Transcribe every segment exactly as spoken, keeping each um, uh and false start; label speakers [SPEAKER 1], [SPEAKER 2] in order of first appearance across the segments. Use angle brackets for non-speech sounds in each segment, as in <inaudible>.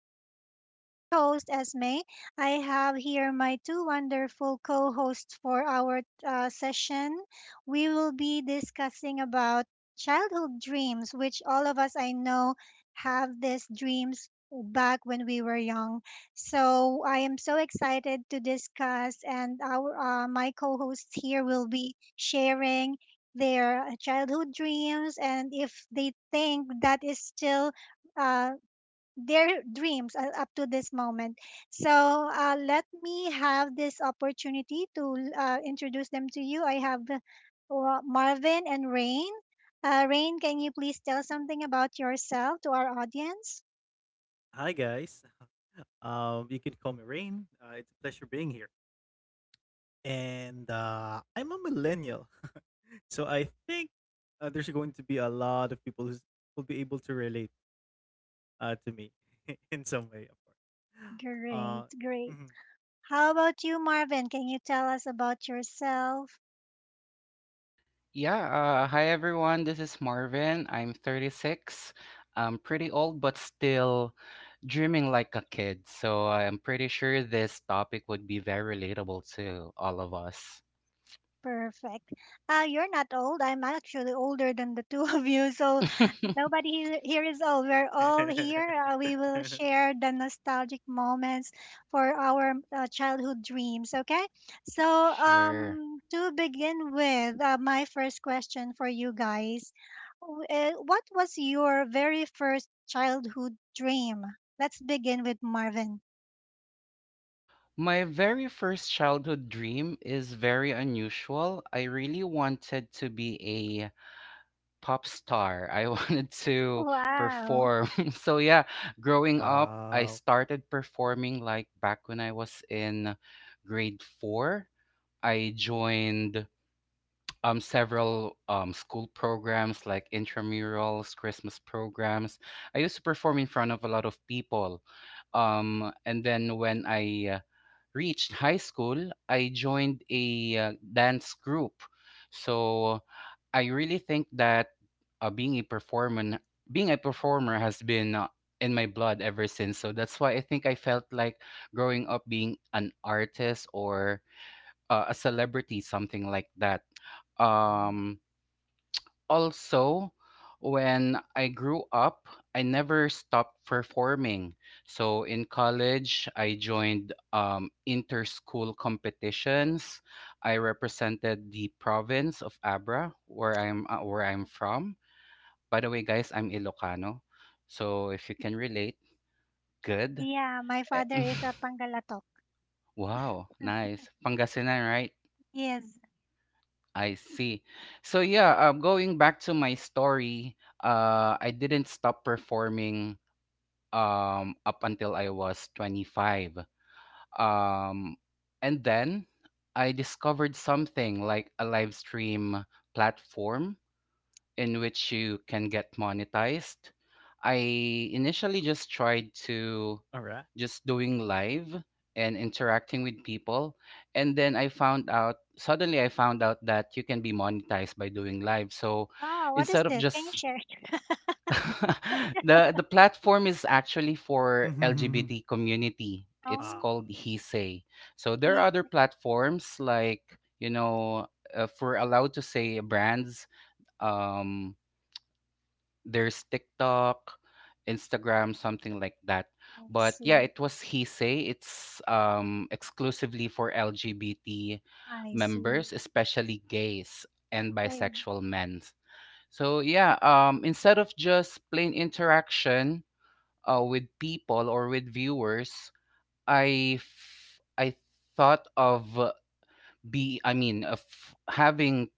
[SPEAKER 1] Again, this is your host, Esme. I have here my two wonderful co hosts for our uh, session. We will be discussing about childhood dreams, which all of us I know have these dreams back when we were young. So I am so excited to discuss, and our uh, my co hosts here will be sharing their uh, childhood dreams and if they think that is still uh, their dreams uh, up to this moment. So uh, let me have this opportunity to uh, introduce them to you. I have uh, Wa- Marvin and Rain. Uh, Rain, can you please tell something about yourself to our audience?
[SPEAKER 2] Hi guys. Um, you can call me Rain. Uh, it's a pleasure being here. And uh, I'm a millennial, <laughs> so I think uh, there's going to be a lot of people who will be able to relate uh, to me <laughs> in some way, of course. Uh,
[SPEAKER 1] Great, great.
[SPEAKER 2] mhm.
[SPEAKER 1] How about you, Marvin? Can you tell us about yourself?
[SPEAKER 3] Yeah, uh, hi everyone. This is Marvin. I'm thirty-six. I'm pretty old, but still dreaming like a kid. So I'm pretty sure this topic would be very relatable to all of us.
[SPEAKER 1] Perfect. Uh, you're not old. I'm actually older than the <laughs> two of you. So
[SPEAKER 3] <laughs>
[SPEAKER 1] nobody he- here is old. We're all here. Uh, we will share the nostalgic moments for our uh, childhood dreams. Okay. So
[SPEAKER 3] Sure.
[SPEAKER 1] um, to begin with, uh, my first question for you guys, w- uh, what was your very first childhood dream? Let's begin with Marvin.
[SPEAKER 3] My very first childhood dream is very unusual. I really wanted to be a pop star. I <laughs> wanted to
[SPEAKER 1] Wow.
[SPEAKER 3] perform. <laughs> So yeah,
[SPEAKER 2] <laughs>
[SPEAKER 3] growing up, I
[SPEAKER 2] Wow.
[SPEAKER 3] started performing like back when I was in grade four. I joined um several um school programs like intramurals, Christmas programs. I used to perform in front of a lot of people. Um and then when I uh, reached high school, I joined a uh, dance group. So I really think that uh, being a performer being a performer has been uh, in my blood ever since. So that's why I think I felt like growing up being an artist or uh, a celebrity, something like that.
[SPEAKER 2] Mm,
[SPEAKER 3] Um, Also, when I grew up, I never stopped performing. So in college, I joined um, inter-school competitions. I represented the province of Abra, where I'm uh, where I'm from. By the way, guys, I'm Ilocano. So if you can relate, good.
[SPEAKER 1] Yeah, my
[SPEAKER 3] Eh,
[SPEAKER 1] father
[SPEAKER 3] <laughs>
[SPEAKER 1] is a Pangalatok.
[SPEAKER 3] wow, nice. Pangasinan, right?
[SPEAKER 1] Yes.
[SPEAKER 3] I see. So yeah, uh, going back to my story, uh, I didn't stop performing um, up until I was twenty-five. Um, and then I discovered something like a live stream platform in which you can get monetized. I initially just tried to
[SPEAKER 2] All right.
[SPEAKER 3] just doing live and interacting with people. And then I found out, suddenly I found out that you can be monetized by doing live. So
[SPEAKER 1] Wow, what is
[SPEAKER 3] instead of
[SPEAKER 1] this? Can you
[SPEAKER 3] just
[SPEAKER 1] share? <laughs>
[SPEAKER 3] <laughs> the the platform is actually for
[SPEAKER 2] <laughs>
[SPEAKER 3] L G B T community. It's
[SPEAKER 1] Oh,
[SPEAKER 2] Ah,
[SPEAKER 3] called He Say. So there
[SPEAKER 1] I
[SPEAKER 3] are other platforms like, you know, uh, if we're allowed to say brands, um, there's TikTok, Instagram, something like that. But yeah,
[SPEAKER 1] see.
[SPEAKER 3] it was He Say. It's um, exclusively for L G B T
[SPEAKER 1] I see.
[SPEAKER 3] members, especially gays and
[SPEAKER 1] I,
[SPEAKER 3] bisexual men. So yeah, um, instead of just plain interaction uh, with people or with viewers, I f- I thought of be I mean, of having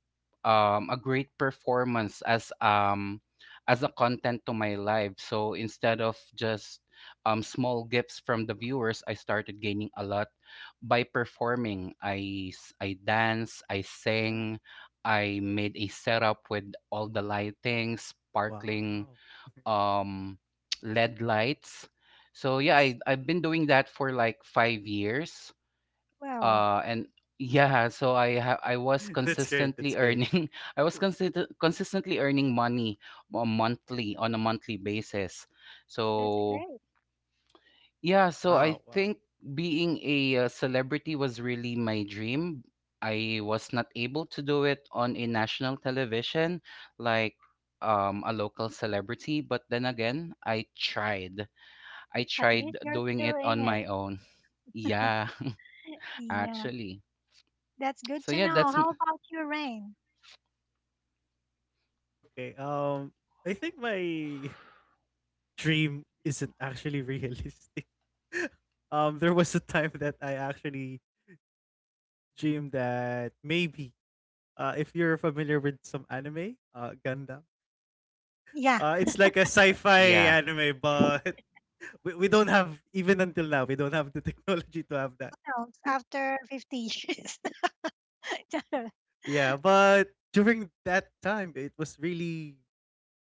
[SPEAKER 3] um a great performance as um as a content to my life. So instead of just um small gifts from the viewers, I started gaining a lot by performing. i s- I dance, I sing. I made a setup with all the lighting sparkling,
[SPEAKER 2] wow.
[SPEAKER 3] um <tsk> L E D lights. So yeah,
[SPEAKER 2] Nice.
[SPEAKER 3] I, I've been doing that for like five years.
[SPEAKER 1] well,
[SPEAKER 3] Uh and yeah, so i ha- I was
[SPEAKER 2] <laughs> That's great.
[SPEAKER 3] consistently
[SPEAKER 2] That's great.
[SPEAKER 3] earning. <laughs> I was consist- consistently earning money on monthly on a monthly basis.
[SPEAKER 1] that's
[SPEAKER 3] So
[SPEAKER 1] great.
[SPEAKER 3] yeah, so I
[SPEAKER 2] Wow. Wow.
[SPEAKER 3] think being a uh, celebrity was really my dream. I was not able to do it on a national television, like um a local celebrity, but then again i tried I
[SPEAKER 1] At
[SPEAKER 3] tried
[SPEAKER 1] least you're
[SPEAKER 3] doing
[SPEAKER 1] still
[SPEAKER 3] it
[SPEAKER 1] in
[SPEAKER 3] on
[SPEAKER 1] it.
[SPEAKER 3] my own. <laughs> Yeah. <laughs>
[SPEAKER 1] Yeah,
[SPEAKER 3] Actually,
[SPEAKER 1] that's good
[SPEAKER 3] so
[SPEAKER 1] to
[SPEAKER 3] yeah,
[SPEAKER 1] know.
[SPEAKER 3] that's m-
[SPEAKER 1] How about you, Rain?
[SPEAKER 2] Okay. Um, I think my <laughs> dream isn't actually realistic. <laughs> Um, there was a time that I actually dreamed that maybe, uh, if you're familiar with some anime, uh, Gundam,
[SPEAKER 1] Yeah,
[SPEAKER 2] uh, it's like a sci-fi
[SPEAKER 3] yeah.
[SPEAKER 2] anime, but <laughs> we, we don't have, even until now we don't have the <laughs> technology to have that.
[SPEAKER 1] <laughs> else
[SPEAKER 2] <laughs>
[SPEAKER 1] after 50 years. <laughs>
[SPEAKER 2] Yeah, but during that time, it was really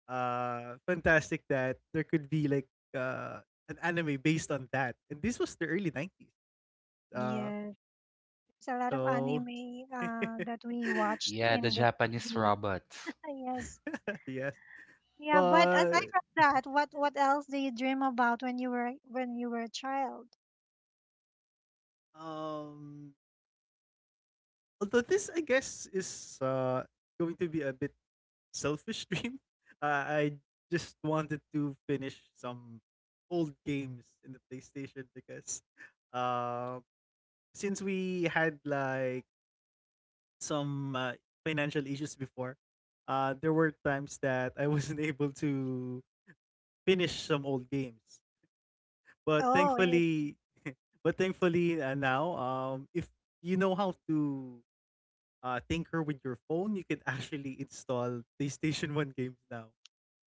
[SPEAKER 2] uh fantastic that there could be like uh an anime based on that, and this was the early nineties. Uh,
[SPEAKER 1] Yes, there's a lot of
[SPEAKER 2] so
[SPEAKER 1] anime
[SPEAKER 2] <laughs>
[SPEAKER 1] uh, that we watched
[SPEAKER 3] Yeah, the
[SPEAKER 1] in the
[SPEAKER 3] Japanese
[SPEAKER 1] T V.
[SPEAKER 3] robots.
[SPEAKER 1] <laughs> Yes.
[SPEAKER 2] yes.
[SPEAKER 1] Yeah, but aside
[SPEAKER 2] But
[SPEAKER 1] from that, what what else do you dream about when you were when you were a child?
[SPEAKER 2] um although this I guess is uh going to be a bit selfish <laughs> dream. Uh, I just wanted to finish some old games in the PlayStation because uh since we had like some uh, financial issues before, uh there were times that I wasn't <laughs> able to finish some old games. But
[SPEAKER 1] Oh,
[SPEAKER 2] thankfully, <laughs> but thankfully uh, now, um, if you know how to uh, tinker with your phone, you can <laughs> actually install PlayStation One games now,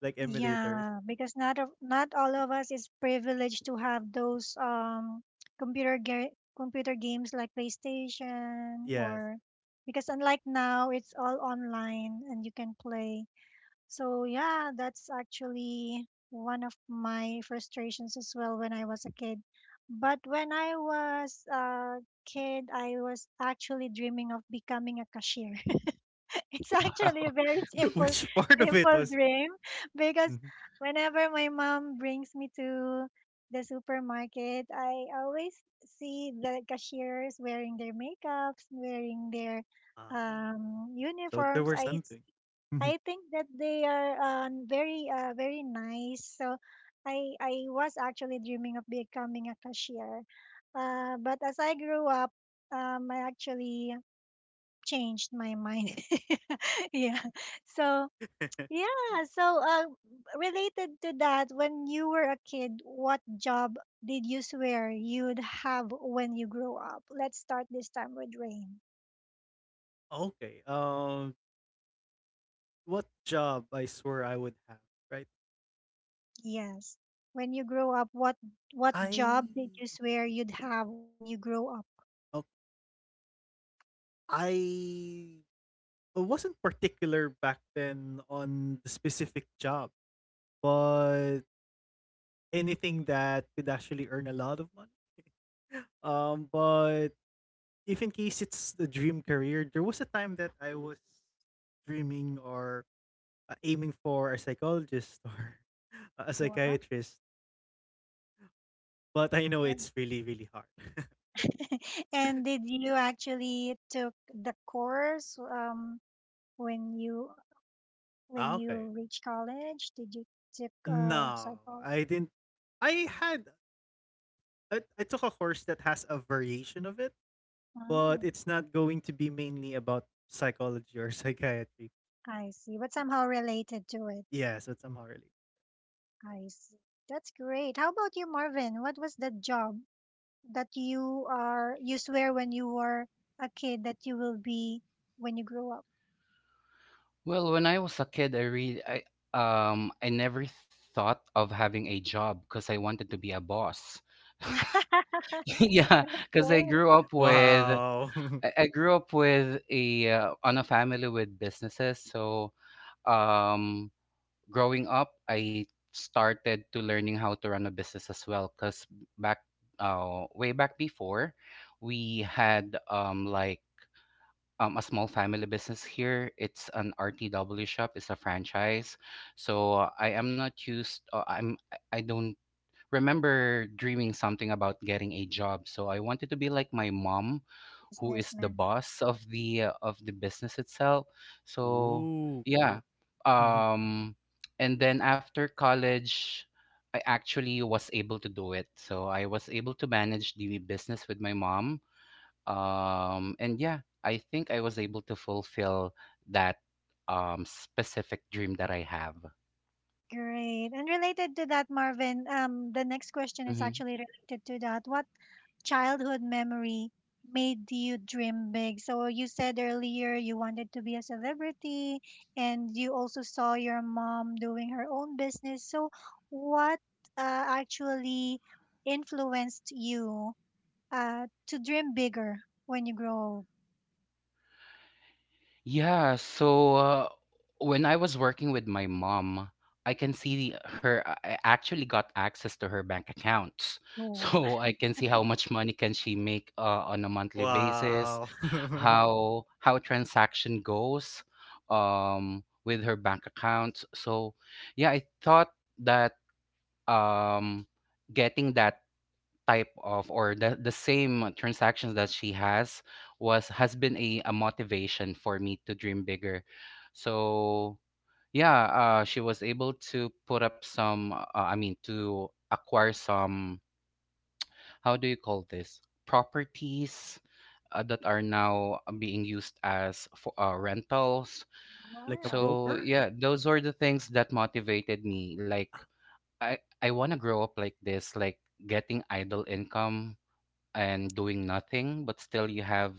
[SPEAKER 2] like emulators.
[SPEAKER 1] yeah, because not of not all of us is privileged to have those um computer ga computer games like PlayStation,
[SPEAKER 2] Yes.
[SPEAKER 1] or because unlike now it's all online and you can play. So yeah, that's actually one of my frustrations as well when I was a kid. But when I was a kid, I was actually dreaming of becoming a cashier. <laughs> It's actually a
[SPEAKER 3] <laughs>
[SPEAKER 1] very
[SPEAKER 2] <laughs>
[SPEAKER 1] simple,
[SPEAKER 2] Which part of it
[SPEAKER 1] simple
[SPEAKER 2] was?
[SPEAKER 1] dream because
[SPEAKER 2] Mhm.
[SPEAKER 1] whenever my mom brings me to the supermarket, I always see the cashiers wearing their makeups, wearing their
[SPEAKER 2] Ah,
[SPEAKER 1] um,
[SPEAKER 2] so there
[SPEAKER 1] uniforms.
[SPEAKER 2] were
[SPEAKER 1] I s-
[SPEAKER 2] something. Mhm.
[SPEAKER 1] I think that they are uh, very uh, very nice. So I I was actually dreaming of becoming a cashier, uh, but as I grew up, um, I actually changed my mind. <laughs> Yeah. So,
[SPEAKER 2] <laughs>
[SPEAKER 1] yeah. So, uh, related to that, when you were a kid, what job did you swear you'd have when you grow up? Let's start this time with Rain.
[SPEAKER 2] Okay. Um, what job I swear I would have, right?
[SPEAKER 1] Yes. When you grow up, what what
[SPEAKER 2] I,
[SPEAKER 1] job did you swear you'd have when you grow up?
[SPEAKER 2] oh, I wasn't particular back then on the specific job. But anything that could actually earn a lot of money. Um, but if in case it's the dream career, there was a time that I was dreaming or uh, aiming for a psychologist <laughs> or a
[SPEAKER 1] Noah?
[SPEAKER 2] psychiatrist, but I know
[SPEAKER 1] And
[SPEAKER 2] it's really, really hard. <laughs>
[SPEAKER 1] <laughs> and did you actually took the course um when you When
[SPEAKER 2] Ah,
[SPEAKER 1] you
[SPEAKER 2] okay.
[SPEAKER 1] reach college, did you took a
[SPEAKER 2] No,
[SPEAKER 1] psychology?
[SPEAKER 2] I didn't. I had I, I took a course that has a variation of it, but
[SPEAKER 1] Oh,
[SPEAKER 2] it's not going to be mainly about psychology or <laughs> psychiatry.
[SPEAKER 1] I see. But somehow related to it.
[SPEAKER 2] Yeah, so it's somehow related.
[SPEAKER 1] I see. That's great. How about you, Marvin? What was the job that you are you swear when you were a kid that you will be when you grow up?
[SPEAKER 3] Well, when I was a kid, I really, I, um, I never thought of having a job because I wanted to be a boss. <laughs> Yeah,
[SPEAKER 1] <laughs>
[SPEAKER 3] because I
[SPEAKER 1] Great
[SPEAKER 3] grew up with,
[SPEAKER 2] Wow. <laughs>
[SPEAKER 3] I, I grew up with a, uh, on a family with businesses. So, um, growing up, I started to learning how to run a business as well. Because back, uh, way back before, we had um like um, a small family business here. It's an R T W shop. It's a franchise. So uh, I am not used. Uh, I'm. I I don't remember dreaming something about getting a job. So I wanted to be like my mom, who is the
[SPEAKER 1] businessman.
[SPEAKER 3] boss of the uh, of the business itself. So
[SPEAKER 2] Ooh, cool.
[SPEAKER 3] yeah.
[SPEAKER 2] <laughs>
[SPEAKER 3] Um, and then after college. I actually was able to do it. So I was able to manage the business with my mom, um and yeah, I think I was able to fulfill that, um specific dream that I have.
[SPEAKER 1] Great. And related to that, Marvin, um, the next question is
[SPEAKER 3] Hmm.
[SPEAKER 1] actually related to that. What childhood memory made you dream big? So you said earlier you wanted to be a celebrity, and you also saw your mom doing her own business. So what uh, actually influenced you uh, to dream bigger when you grow?
[SPEAKER 3] Yeah, so uh, when I was working with my mom, I can see her, uh, I actually got access to her bank accounts. <laughs>
[SPEAKER 1] Oh,
[SPEAKER 3] So I can see how much money can she make uh, on a monthly basis,
[SPEAKER 2] Wow. <laughs>
[SPEAKER 3] how how transaction goes um with her bank accounts. So yeah, I thought that um getting that type of, or the, the same transactions that she has was has been a, a motivation for me to dream bigger. So yeah, uh, she was able to put up some, uh, I mean, to acquire some. How do you call this? Properties uh, that are now being used as for uh, rentals.
[SPEAKER 2] Like a
[SPEAKER 1] wow.
[SPEAKER 3] So
[SPEAKER 2] broker?
[SPEAKER 3] yeah, those were the things that motivated me, like
[SPEAKER 2] Ah,
[SPEAKER 3] I I want to grow up like this, like getting idle income and doing nothing, but still you have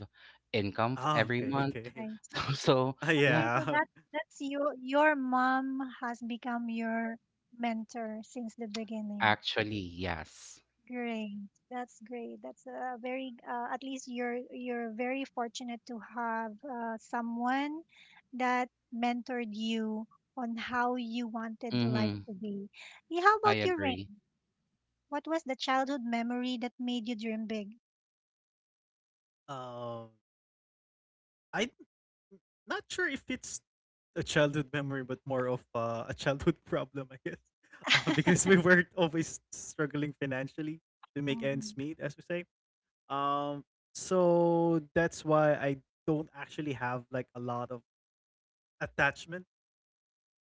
[SPEAKER 3] income for
[SPEAKER 2] ah,
[SPEAKER 3] every
[SPEAKER 2] okay,
[SPEAKER 3] month.
[SPEAKER 2] okay.
[SPEAKER 1] I,
[SPEAKER 2] <laughs>
[SPEAKER 3] <laughs> So
[SPEAKER 2] Ah,
[SPEAKER 3] yeah.
[SPEAKER 1] okay, so
[SPEAKER 2] yeah.
[SPEAKER 1] that
[SPEAKER 2] <laughs>
[SPEAKER 1] that's your Your mom has become your mentor since the beginning.
[SPEAKER 3] Actually, yes.
[SPEAKER 1] Great. That's great. That's a very uh, at least you're you're very fortunate to have uh, someone that mentored you on how you wanted life
[SPEAKER 3] Mm-hmm.
[SPEAKER 1] to be. Yeah, how
[SPEAKER 3] I
[SPEAKER 1] about your
[SPEAKER 3] agree.
[SPEAKER 1] Rain? What was the childhood memory that made you dream big?
[SPEAKER 2] Um, I'm not sure if it's a childhood memory, but more of uh, a childhood <laughs> problem, I guess. <laughs> Uh, because we were always struggling financially to make
[SPEAKER 1] Mm-hmm.
[SPEAKER 2] ends meet, as we say. Um, so that's why I don't actually have like a lot of attachment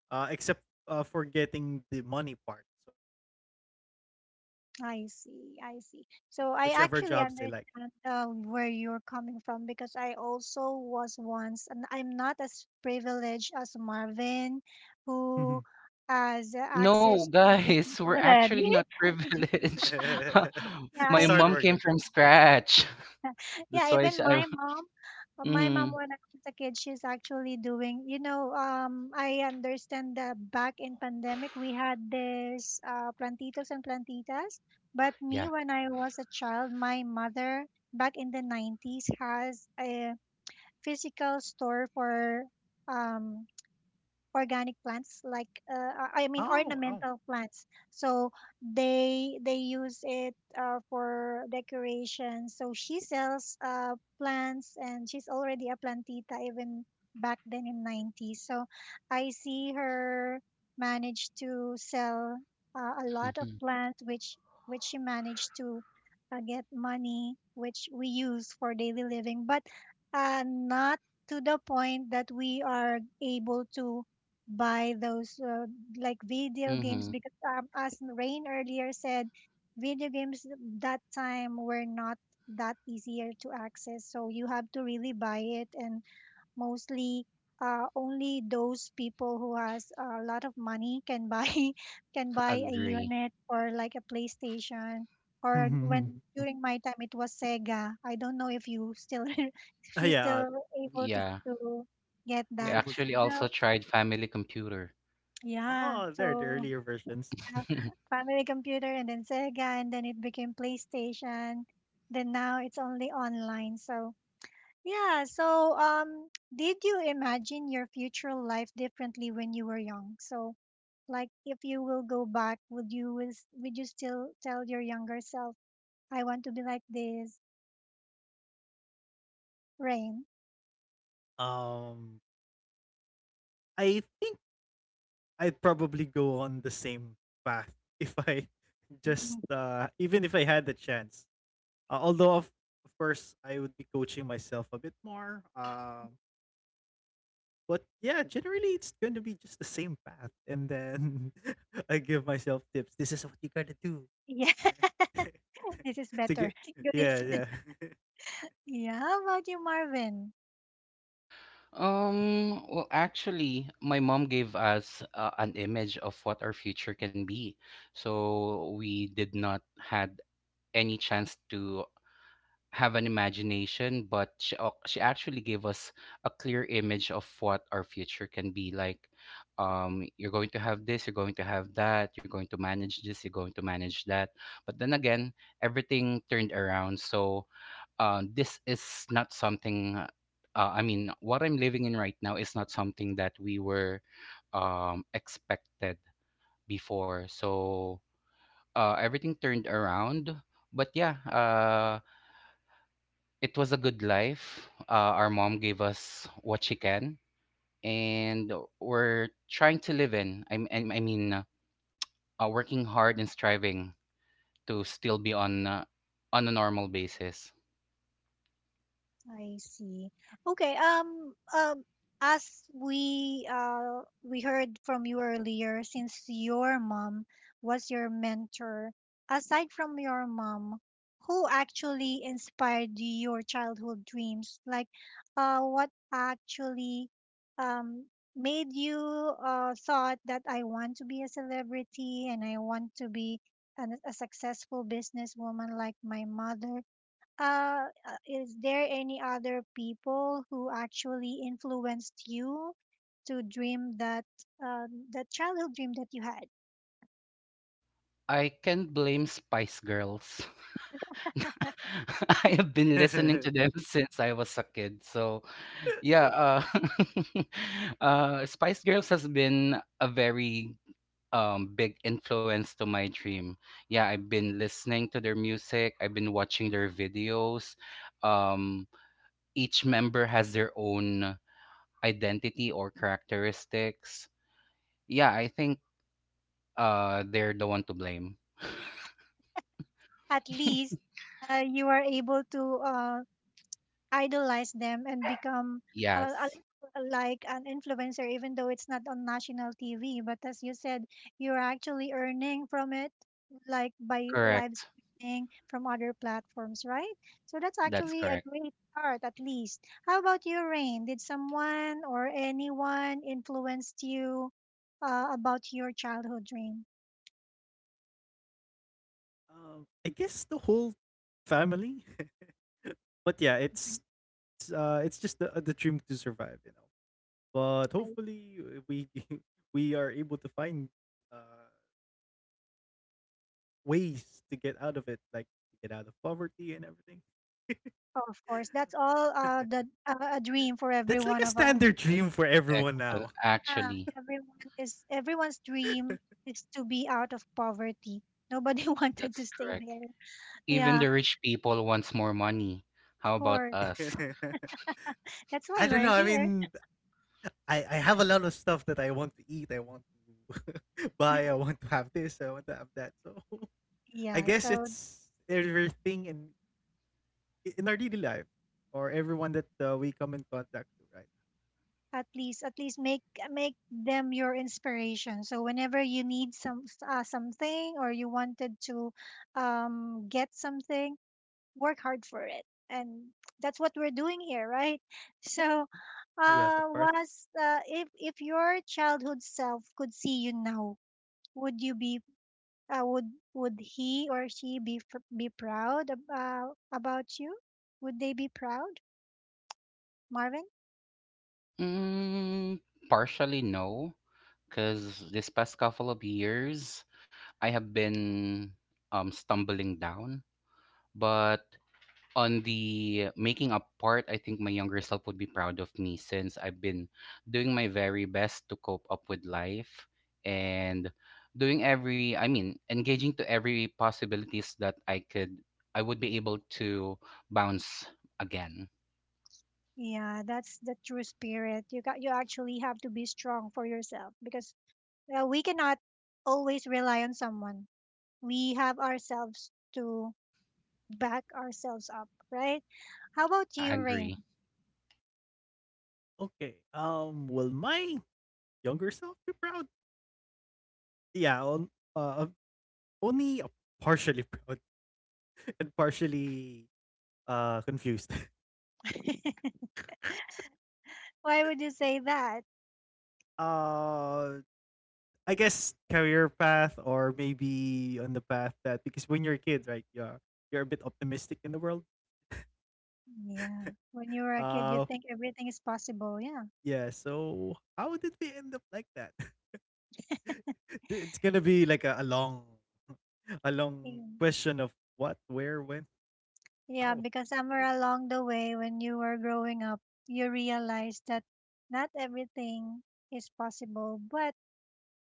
[SPEAKER 2] uh, except uh, for getting the money part. So I'm actually able
[SPEAKER 1] I
[SPEAKER 2] to
[SPEAKER 1] see, I see.
[SPEAKER 2] switch
[SPEAKER 1] So I
[SPEAKER 2] whichever
[SPEAKER 1] actually
[SPEAKER 2] jobs I like.
[SPEAKER 1] understand uh, where you're coming from because I also was once, and I'm not as privileged as Marvin,
[SPEAKER 2] Mhm.
[SPEAKER 1] who has
[SPEAKER 3] No,
[SPEAKER 1] access to business
[SPEAKER 3] guys, we're
[SPEAKER 1] already.
[SPEAKER 3] actually
[SPEAKER 1] <laughs>
[SPEAKER 3] not privileged. <laughs>
[SPEAKER 1] Yeah,
[SPEAKER 2] <laughs>
[SPEAKER 3] My
[SPEAKER 2] Just
[SPEAKER 1] I
[SPEAKER 2] hard
[SPEAKER 1] mean,
[SPEAKER 3] mom came
[SPEAKER 2] working.
[SPEAKER 3] from scratch. <laughs> That's
[SPEAKER 1] yeah,
[SPEAKER 3] why she,
[SPEAKER 1] even
[SPEAKER 3] I.
[SPEAKER 1] my mom, uh, my mom
[SPEAKER 3] Mm,
[SPEAKER 1] when I was a kid, she's actually doing, you know, um, I understand that back in pandemic we had this uh, plantitos and plantitas, but me
[SPEAKER 3] yeah.
[SPEAKER 1] when I was a child, my mother back in the nineties has a physical store for um organic plants like uh, i I mean
[SPEAKER 2] Oh, wow.
[SPEAKER 1] ornamental plants, so they they use it uh, for decoration, so she sells uh, plants and she's already a plantita even back then in nineties. So I see her manage to sell uh, a lot of
[SPEAKER 3] Mm-hmm.
[SPEAKER 1] plants which which she managed to uh, get money which we use for daily living, but uh, not to the point that we are able to by those uh, like video
[SPEAKER 3] Mm-hmm.
[SPEAKER 1] games because um, as Rain earlier said, video games that time were not that easier to access. So you have to really buy it, and mostly uh, only those people who has a lot of money can buy <laughs> can buy a
[SPEAKER 3] Agree.
[SPEAKER 1] unit or like a PlayStation. Or when
[SPEAKER 2] <laughs>
[SPEAKER 1] during my time it was Sega. I don't know if you still <laughs> if
[SPEAKER 2] Uh,
[SPEAKER 1] you
[SPEAKER 2] yeah, uh,
[SPEAKER 1] still
[SPEAKER 2] we
[SPEAKER 1] able to
[SPEAKER 3] Yeah.
[SPEAKER 1] to get
[SPEAKER 3] I
[SPEAKER 2] were
[SPEAKER 1] that.
[SPEAKER 2] able to.
[SPEAKER 3] actually also
[SPEAKER 1] No,
[SPEAKER 3] tried family computer.
[SPEAKER 1] yeah.
[SPEAKER 2] Oh, there the
[SPEAKER 1] So
[SPEAKER 2] earlier versions.
[SPEAKER 1] yeah,
[SPEAKER 3] <laughs>
[SPEAKER 1] family computer and then Sega and then it became PlayStation. Then now it's only online. So yeah. So um, <tsk> did you imagine your future life differently when you were young? So like if you will go back, would you will s- would you still tell your younger self, I want to be like this, Rain?
[SPEAKER 2] Um, I think I'd probably go on the same path <laughs> if I just
[SPEAKER 1] <laughs>
[SPEAKER 2] uh, even if I had the chance. Uh, although of of course I would be coaching myself a bit more. Um, But yeah, generally it's going to be just the same path, and then <laughs> I give myself tips. This is what you gotta do
[SPEAKER 1] Yeah,
[SPEAKER 2] <laughs>
[SPEAKER 1] <laughs> this is
[SPEAKER 2] to
[SPEAKER 1] better.
[SPEAKER 2] get.
[SPEAKER 1] <laughs> Good.
[SPEAKER 2] Yeah, yeah.
[SPEAKER 1] <laughs> Yeah, how about you, Marvin?
[SPEAKER 3] Um, well, actually, my mom gave us uh, an image of what our future can be. So we did not had any chance to have an imagination, but she, ac- she actually gave us a clear image of what our future can be like. Um, you're going to have this, you're going to have that, you're going to manage this, you're going to manage that. But then again, everything turned around. So uh, this is not something, uh, I mean, what I'm living in right now is not something that we were, um, expected before. So uh, everything turned around. But yeah, uh, it was a good life. Uh, our mom gave us what she can, and we're trying to live, in I, m- I m- I mean, uh, working hard and striving to still be on uh, on a normal basis.
[SPEAKER 1] I see. Okay. Um. Um. As we uh we heard from you earlier, since your mom was your mentor, aside from your mom, who actually inspired your childhood dreams? Like, uh, what actually um made you uh thought that I want to be a celebrity and I want to be an, a successful businesswoman like my mother? Uh, uh, is there any other people who actually influenced you to dream that um, that childhood dream that you had?
[SPEAKER 3] I can blame Spice Girls. <laughs> <laughs> I have been listening to them <laughs>
[SPEAKER 2] <laughs>
[SPEAKER 3] since I was a kid. So, yeah, uh, <laughs> uh, Spice Girls has been a very, um, big influence to my dream. Yeah, I've been listening to their music, I've been watching their videos. Um, each member has their own identity or characteristics. Yeah, I think uh, they're the one to blame.
[SPEAKER 1] At least uh, you are able to uh, idolize them and become a, a
[SPEAKER 3] Yes,
[SPEAKER 1] little like an influencer, even though it's not on national T V. But as you said, you're actually earning from it, like by live
[SPEAKER 3] correct.
[SPEAKER 1] streaming from other platforms, right? So that's
[SPEAKER 3] That's
[SPEAKER 1] actually a
[SPEAKER 3] correct.
[SPEAKER 1] great start, at least. How about you, Rain? Did someone or anyone influenced you uh, about your childhood dream?
[SPEAKER 2] um, I guess the whole family, <laughs> but yeah,
[SPEAKER 1] Dream.
[SPEAKER 2] it's it's, uh, it's just the the dream to survive, you know. But
[SPEAKER 1] I,
[SPEAKER 2] hopefully uh, we <laughs> we are able to find uh ways to get out of it, like to get out of poverty and everything.
[SPEAKER 1] of course, that's all uh, the uh, a dream for every
[SPEAKER 2] That's like
[SPEAKER 1] one
[SPEAKER 2] a
[SPEAKER 1] of us.
[SPEAKER 2] standard dream for everyone
[SPEAKER 3] Ex- uh,
[SPEAKER 2] now.
[SPEAKER 1] Yeah,
[SPEAKER 3] Actually,
[SPEAKER 1] everyone is everyone's dream is to be out of poverty. Nobody <laughs> wanted
[SPEAKER 3] that's
[SPEAKER 1] to stay
[SPEAKER 3] correct.
[SPEAKER 1] there.
[SPEAKER 3] Even
[SPEAKER 1] Yeah, of
[SPEAKER 3] the rich people wants more money. How about
[SPEAKER 1] course.
[SPEAKER 3] us?
[SPEAKER 2] <laughs>
[SPEAKER 1] That's
[SPEAKER 2] I
[SPEAKER 1] why
[SPEAKER 2] don't
[SPEAKER 1] we're
[SPEAKER 2] know. I
[SPEAKER 1] here.
[SPEAKER 2] mean, I, I have a lot of stuff that I want to eat. I want to <laughs> buy. I want to have this. I want to have that. So <laughs> I
[SPEAKER 1] Yeah,
[SPEAKER 2] guess
[SPEAKER 1] so
[SPEAKER 2] it's everything in in our daily life or everyone that uh, we come in contact with, right?
[SPEAKER 1] at least, at least make, make them your inspiration. So whenever you need some uh, something or you wanted to um get something, work hard for it. And that's what we're doing here, right? <laughs> So
[SPEAKER 2] Uh, yes,
[SPEAKER 1] uh
[SPEAKER 2] of course.
[SPEAKER 1] was uh, if if your childhood self could see you now, would you be, Uh, would would he or she be fr- be proud about about you? Would they be proud, Marvin?
[SPEAKER 3] Mm, partially no, because this past couple of years, I have been um stumbling down. But on the making up part, I think my younger self would be proud of me since I've been doing my very best to cope up with life and doing every, I mean, engaging to every possibilities that I could, I would be able to bounce again.
[SPEAKER 1] Yeah, that's the true spirit. You got you actually have to be strong for yourself because uh, we cannot always rely on someone. We have ourselves to back ourselves up, right? How about you,
[SPEAKER 3] I
[SPEAKER 1] Rain?
[SPEAKER 3] agree.
[SPEAKER 2] Okay. Um, will my younger self be proud? Yeah. On, uh, I'm only uh, partially proud <laughs> and partially uh confused. <laughs>
[SPEAKER 1] <laughs> Why would you say that?
[SPEAKER 2] Uh I guess career path or maybe on the path that, because when you're a kid, right, you're you're a bit optimistic in the world.
[SPEAKER 1] Yeah, when you were a kid, you
[SPEAKER 2] Uh
[SPEAKER 1] think everything is possible. Yeah.
[SPEAKER 2] yeah, so how did we end up like that? <laughs> It's gonna be like a, a long <laughs> a long
[SPEAKER 1] Yeah.
[SPEAKER 2] question of what, where, when,
[SPEAKER 1] Yeah,
[SPEAKER 2] how.
[SPEAKER 1] because somewhere along the way when you were growing up, you realized that not everything is possible, but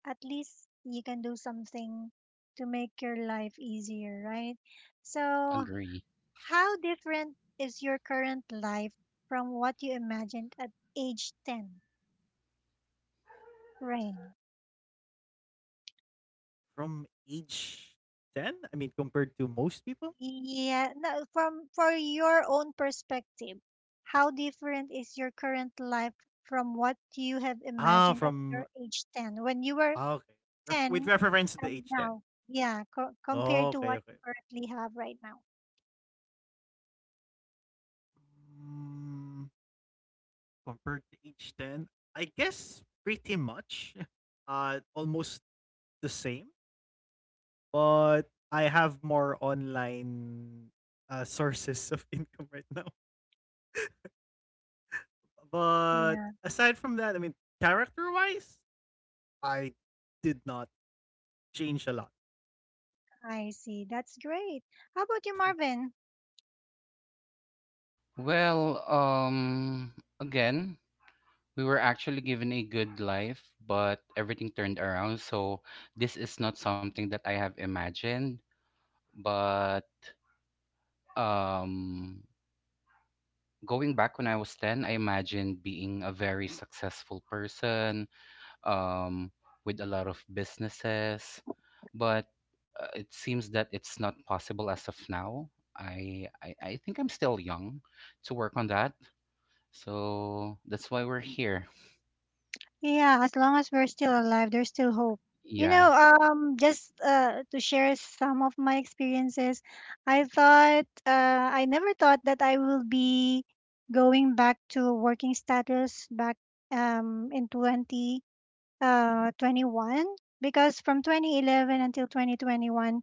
[SPEAKER 1] at least you can do something to make your life easier, right? So,
[SPEAKER 3] Agree.
[SPEAKER 1] how different is your current life from what you imagined at age ten, Rain?
[SPEAKER 2] From age ten? I mean compared to most people?
[SPEAKER 1] Yeah, no, from, for your own perspective, how different is your current life from what you have
[SPEAKER 2] Ah,
[SPEAKER 1] imagined at
[SPEAKER 2] from
[SPEAKER 1] your age ten when you were
[SPEAKER 2] ah, okay. Ref- with
[SPEAKER 1] ten
[SPEAKER 2] reference to the
[SPEAKER 1] and
[SPEAKER 2] age ten.
[SPEAKER 1] now? Yeah, co- compared to
[SPEAKER 2] Okay,
[SPEAKER 1] what
[SPEAKER 2] okay.
[SPEAKER 1] you currently have right now.
[SPEAKER 2] Mm, compared to age ten, I guess pretty much <laughs> uh almost the same, but I have more online uh, sources of <laughs> income right now. But
[SPEAKER 1] Yeah,
[SPEAKER 2] aside from that, I mean, character-wise, I did not change a lot.
[SPEAKER 1] I see. That's great. How about you,
[SPEAKER 2] <laughs>
[SPEAKER 1] Marvin?
[SPEAKER 3] Well, um, again, we were actually given a good life, but everything turned around. So this is not something that I have imagined. But um, going back when I was ten, I imagined being a very successful person, um, with a lot of businesses. But uh, it seems that it's not possible as of now. I, I, I think I'm still young to work on that. So that's why we're here.
[SPEAKER 1] Yeah, as long as we're still alive, there's still hope. You
[SPEAKER 3] Yeah,
[SPEAKER 1] know, um, just uh, to share some of my experiences, I thought, uh, I never thought that I will be going back to working status back um, in twenty uh twenty-one, because from twenty eleven until twenty twenty-one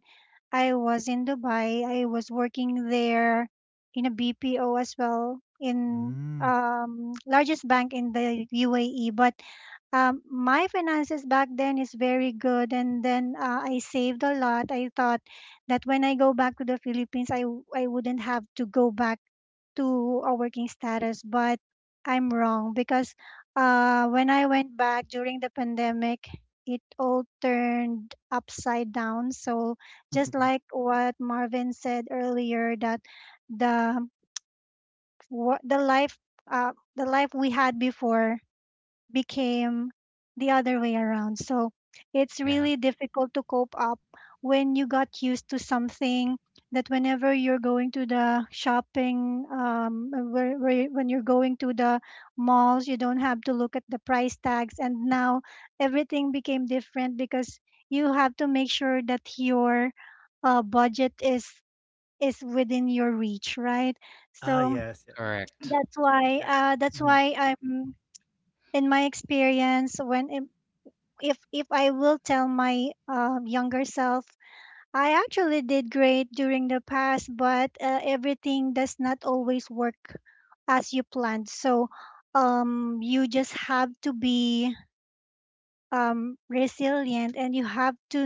[SPEAKER 1] I was in Dubai. I was working there in a B P O as well in
[SPEAKER 2] Mm.
[SPEAKER 1] um largest bank in the U A E, but um, my finances back then is very good, and then uh, I saved a lot. I thought that when I go back to the philippines i w- I wouldn't have to go back to a working status, but I'm wrong because uh, when I went back during the pandemic, it all turned upside down. So just like
[SPEAKER 2] <laughs>
[SPEAKER 1] what Marvin said earlier, that the wo- the life uh, the life we had before became the other way around. So it's
[SPEAKER 3] yeah,
[SPEAKER 1] really difficult to cope up when you got used to something that whenever you're going to the shopping, um, uh, where, where, you- when you're going to the malls, you don't have to look at the price tags. And now everything became different because you have to make sure that your uh, budget is is within your reach, right?
[SPEAKER 2] Ah,
[SPEAKER 1] So
[SPEAKER 2] yes, yes. Mm.
[SPEAKER 3] correct.
[SPEAKER 1] that's why
[SPEAKER 2] Yeah.
[SPEAKER 1] uh, that's
[SPEAKER 2] Mhm.
[SPEAKER 1] why, I'm in my experience, when if if I will tell my um, younger self, I actually did great during the past, but uh, everything does not always work as you planned. So um, you just have to be um, resilient, and you have to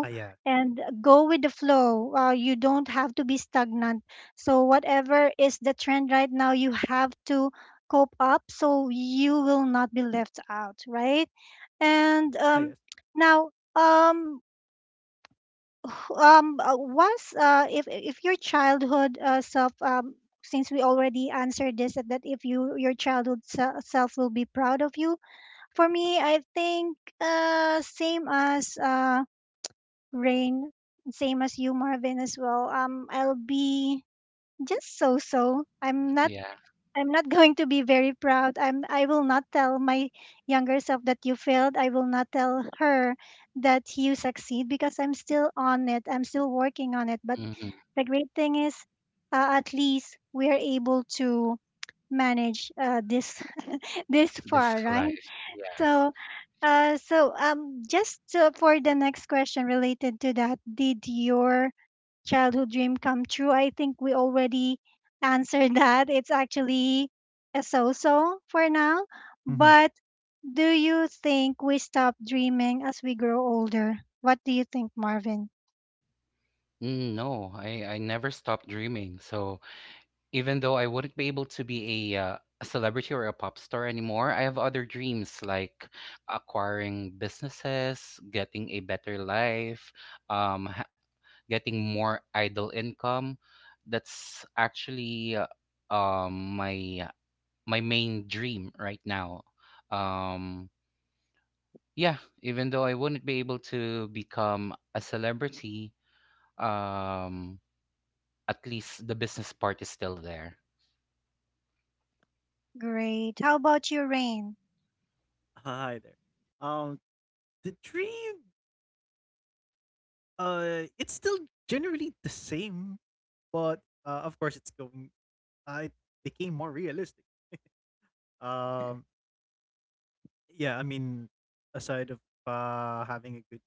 [SPEAKER 2] Ah, yeah.
[SPEAKER 1] and go with the flow. Uh, you don't have to be stagnant. So whatever is the trend right now, you have to cope up so you will not be left out, right? And
[SPEAKER 2] Ah,
[SPEAKER 1] um,
[SPEAKER 2] yes.
[SPEAKER 1] now, um, wh- um, uh, once uh, if if your childhood uh, self, um, since we already answered this, that that if you, your childhood se- self will be proud of you. For me, I think uh, same as uh, Rain, same as you, Marvin, as well. Um, I'll be just so so. I'm not
[SPEAKER 3] Yeah,
[SPEAKER 1] I'm not going to be very proud. I'm I will not tell my younger self that you failed. I will not tell her that you succeed because I'm still on it. I'm still working on it. But
[SPEAKER 3] hmm
[SPEAKER 1] the great thing is, uh, at least we are able to manage uh, this <laughs> this
[SPEAKER 3] this is
[SPEAKER 1] far, right?
[SPEAKER 3] life. Yes.
[SPEAKER 1] So uh so um just uh, for the next question related to that, did your childhood dream come true? I think we already answered <laughs> that. It's actually a so so for now.
[SPEAKER 2] Mhm.
[SPEAKER 1] But do you think we stop dreaming as we grow older? What do you think, Marvin?
[SPEAKER 3] Mm, no, I I never stopped dreaming. So even though I wouldn't be able to be a uh, a celebrity or a pop star anymore, I have other dreams like acquiring businesses, getting a better life, um, ha getting more idle income. That's actually uh, um my my main dream right now. Um, yeah, even though I wouldn't be able to become a celebrity, um, at least the business part is still there.
[SPEAKER 1] Great. How about you, Rain?
[SPEAKER 2] Hi there. Um, the dream, uh, it's still generally the same, but uh, of course, it's going. Uh, it became more realistic. Um, yeah, I mean, aside of uh, having a good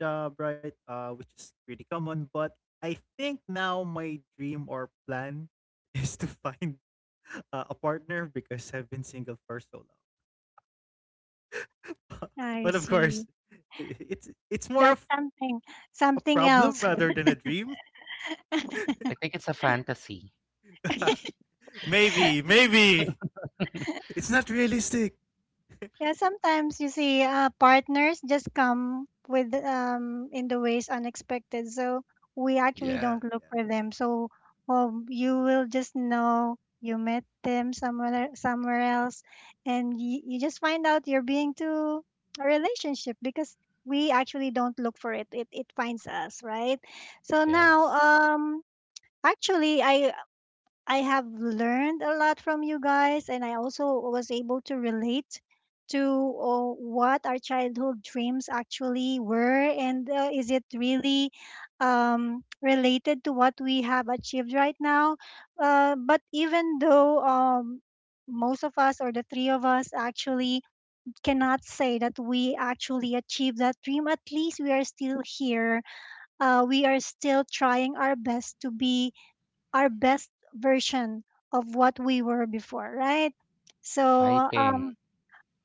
[SPEAKER 2] job, right? Uh, which is pretty common, but I think now my dream or plan <laughs> is to find uh, a partner because I've been single for so long. <laughs>
[SPEAKER 1] I
[SPEAKER 2] But of
[SPEAKER 1] see.
[SPEAKER 2] course, i- it's it's more
[SPEAKER 1] That's
[SPEAKER 2] of
[SPEAKER 1] something
[SPEAKER 2] a
[SPEAKER 1] something
[SPEAKER 2] problem
[SPEAKER 1] else.
[SPEAKER 2] rather than a dream.
[SPEAKER 3] I think it's a fantasy.
[SPEAKER 2] <laughs>
[SPEAKER 1] <laughs>
[SPEAKER 2] Maybe, maybe
[SPEAKER 3] <laughs>
[SPEAKER 2] it's not realistic.
[SPEAKER 1] Yeah, sometimes you see uh, partners just come with um in the ways unexpected. So we
[SPEAKER 3] Yeah,
[SPEAKER 1] actually
[SPEAKER 2] Yeah,
[SPEAKER 1] don't look
[SPEAKER 2] yeah.
[SPEAKER 1] for them. So um, you will just know you met them somewhere el- somewhere else, and you, you just find out you're being to a relationship because we actually don't look for it. It it finds us, right? So now
[SPEAKER 3] yes.
[SPEAKER 1] um. Actually, I I have learned a lot from you guys, and I also was able to relate to uh, what our childhood dreams actually were, and uh, is it really um, related to what we have achieved right now? Uh, but even though um, most of us, or the three of us, actually cannot say that we actually achieved that dream, at least we are still here. Uh, we are still trying our best to be our best version of what we were before, right? So,
[SPEAKER 3] Fighting.
[SPEAKER 1] um,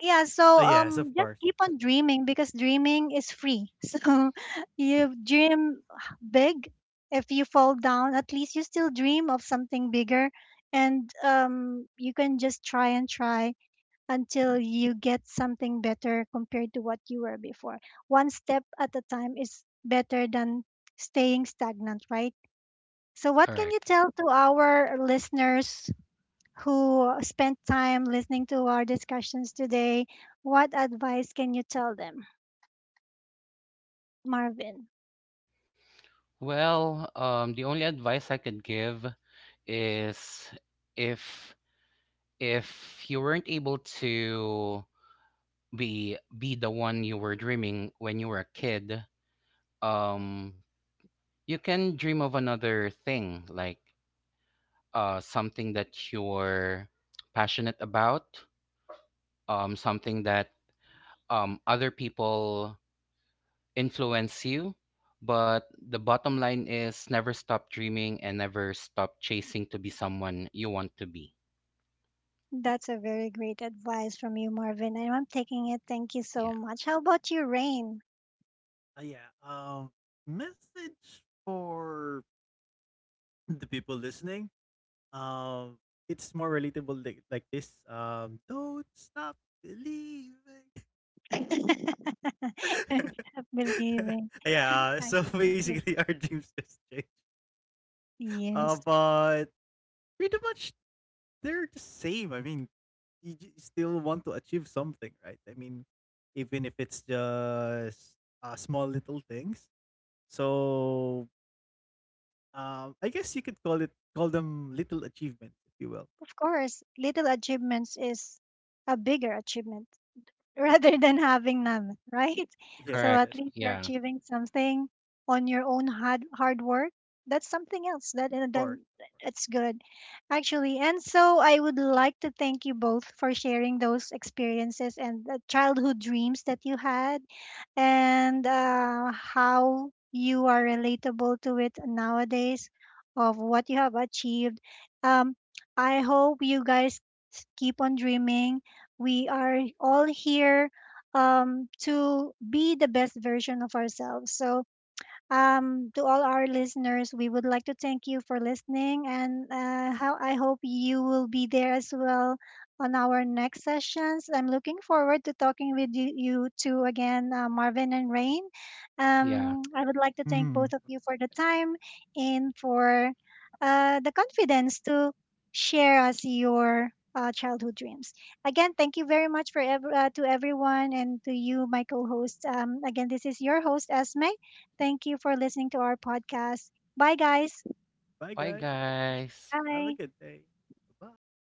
[SPEAKER 1] yeah, so
[SPEAKER 2] Uh, yes,
[SPEAKER 1] um,
[SPEAKER 2] of
[SPEAKER 1] just
[SPEAKER 2] course.
[SPEAKER 1] keep on dreaming because dreaming is free. <laughs> So, you dream big. If you fall down, at least you still dream of something bigger, and um, you can just try and try until you get something better compared to what you were before. One step at a time is better than staying stagnant, right? So, what can you
[SPEAKER 3] Correct.
[SPEAKER 1] tell to our listeners who spent time listening to our discussions today? What advice can you tell them, Marvin?
[SPEAKER 3] Well, um, the only advice I could give is, if if you weren't able to be be the one you were dreaming when you were a kid, um, you can dream of another thing, like uh, something that you're passionate about, um, something that, um, other people influence you, but the bottom line is, never stop dreaming and never stop chasing to be someone you want to be.
[SPEAKER 1] That's a very great advice from you, Marvin. And I'm taking it. Thank you
[SPEAKER 3] Yeah,
[SPEAKER 1] so much. How about you, Rain?
[SPEAKER 2] Uh, yeah. Um, message for the people listening. Um, it's more relatable like, like this. Um, don't stop believing.
[SPEAKER 1] <laughs> Don't
[SPEAKER 2] <laughs>
[SPEAKER 1] stop believing.
[SPEAKER 2] Yeah. uh, So <laughs>
[SPEAKER 1] Actually, true.
[SPEAKER 2] basically, our dreams just change. Uh,
[SPEAKER 1] Yes,
[SPEAKER 2] but pretty much they're the same. I mean, you j- still want to achieve something, right? I mean, even if it's just uh, small little things. So um, I guess you could call it call them little achievements, if you will.
[SPEAKER 1] of course. Little achievements is a bigger achievement <laughs>
[SPEAKER 2] Yeah.
[SPEAKER 1] rather than having none, right? <laughs>
[SPEAKER 2] <laughs>
[SPEAKER 1] So
[SPEAKER 2] Yes.
[SPEAKER 1] at
[SPEAKER 2] Yes.
[SPEAKER 3] correct.
[SPEAKER 1] least you're
[SPEAKER 3] Yeah,
[SPEAKER 1] achieving something on your own hard hard work. That's something else that, and
[SPEAKER 2] Of
[SPEAKER 1] then
[SPEAKER 2] course.
[SPEAKER 1] it's good, actually. And so I would like to thank you both for sharing those experiences and the childhood dreams that you had, and uh, how you are relatable to it nowadays, of what you have achieved. Um, I hope you guys keep on dreaming, we are all here um, to be the best version of ourselves. So um, to all our listeners, we would like to thank you for listening, and uh, how I hope you will be there as well on our next sessions. I'm looking forward to talking with you, you two again, uh, Marvin and Rain.
[SPEAKER 3] yeah.
[SPEAKER 1] Um, I would like to thank
[SPEAKER 2] hmm
[SPEAKER 1] both of you for the time and for uh, the confidence to share us your uh, childhood dreams. Again, thank you very much for ev- uh, to everyone and to you, my co-host. Um, again, this is your host, Esme. Thank you for listening to our podcast. Bye, guys.
[SPEAKER 2] Bye,
[SPEAKER 3] Bye,
[SPEAKER 2] guys.
[SPEAKER 3] guys.
[SPEAKER 2] Have a
[SPEAKER 1] Bye.
[SPEAKER 2] good day. Bye.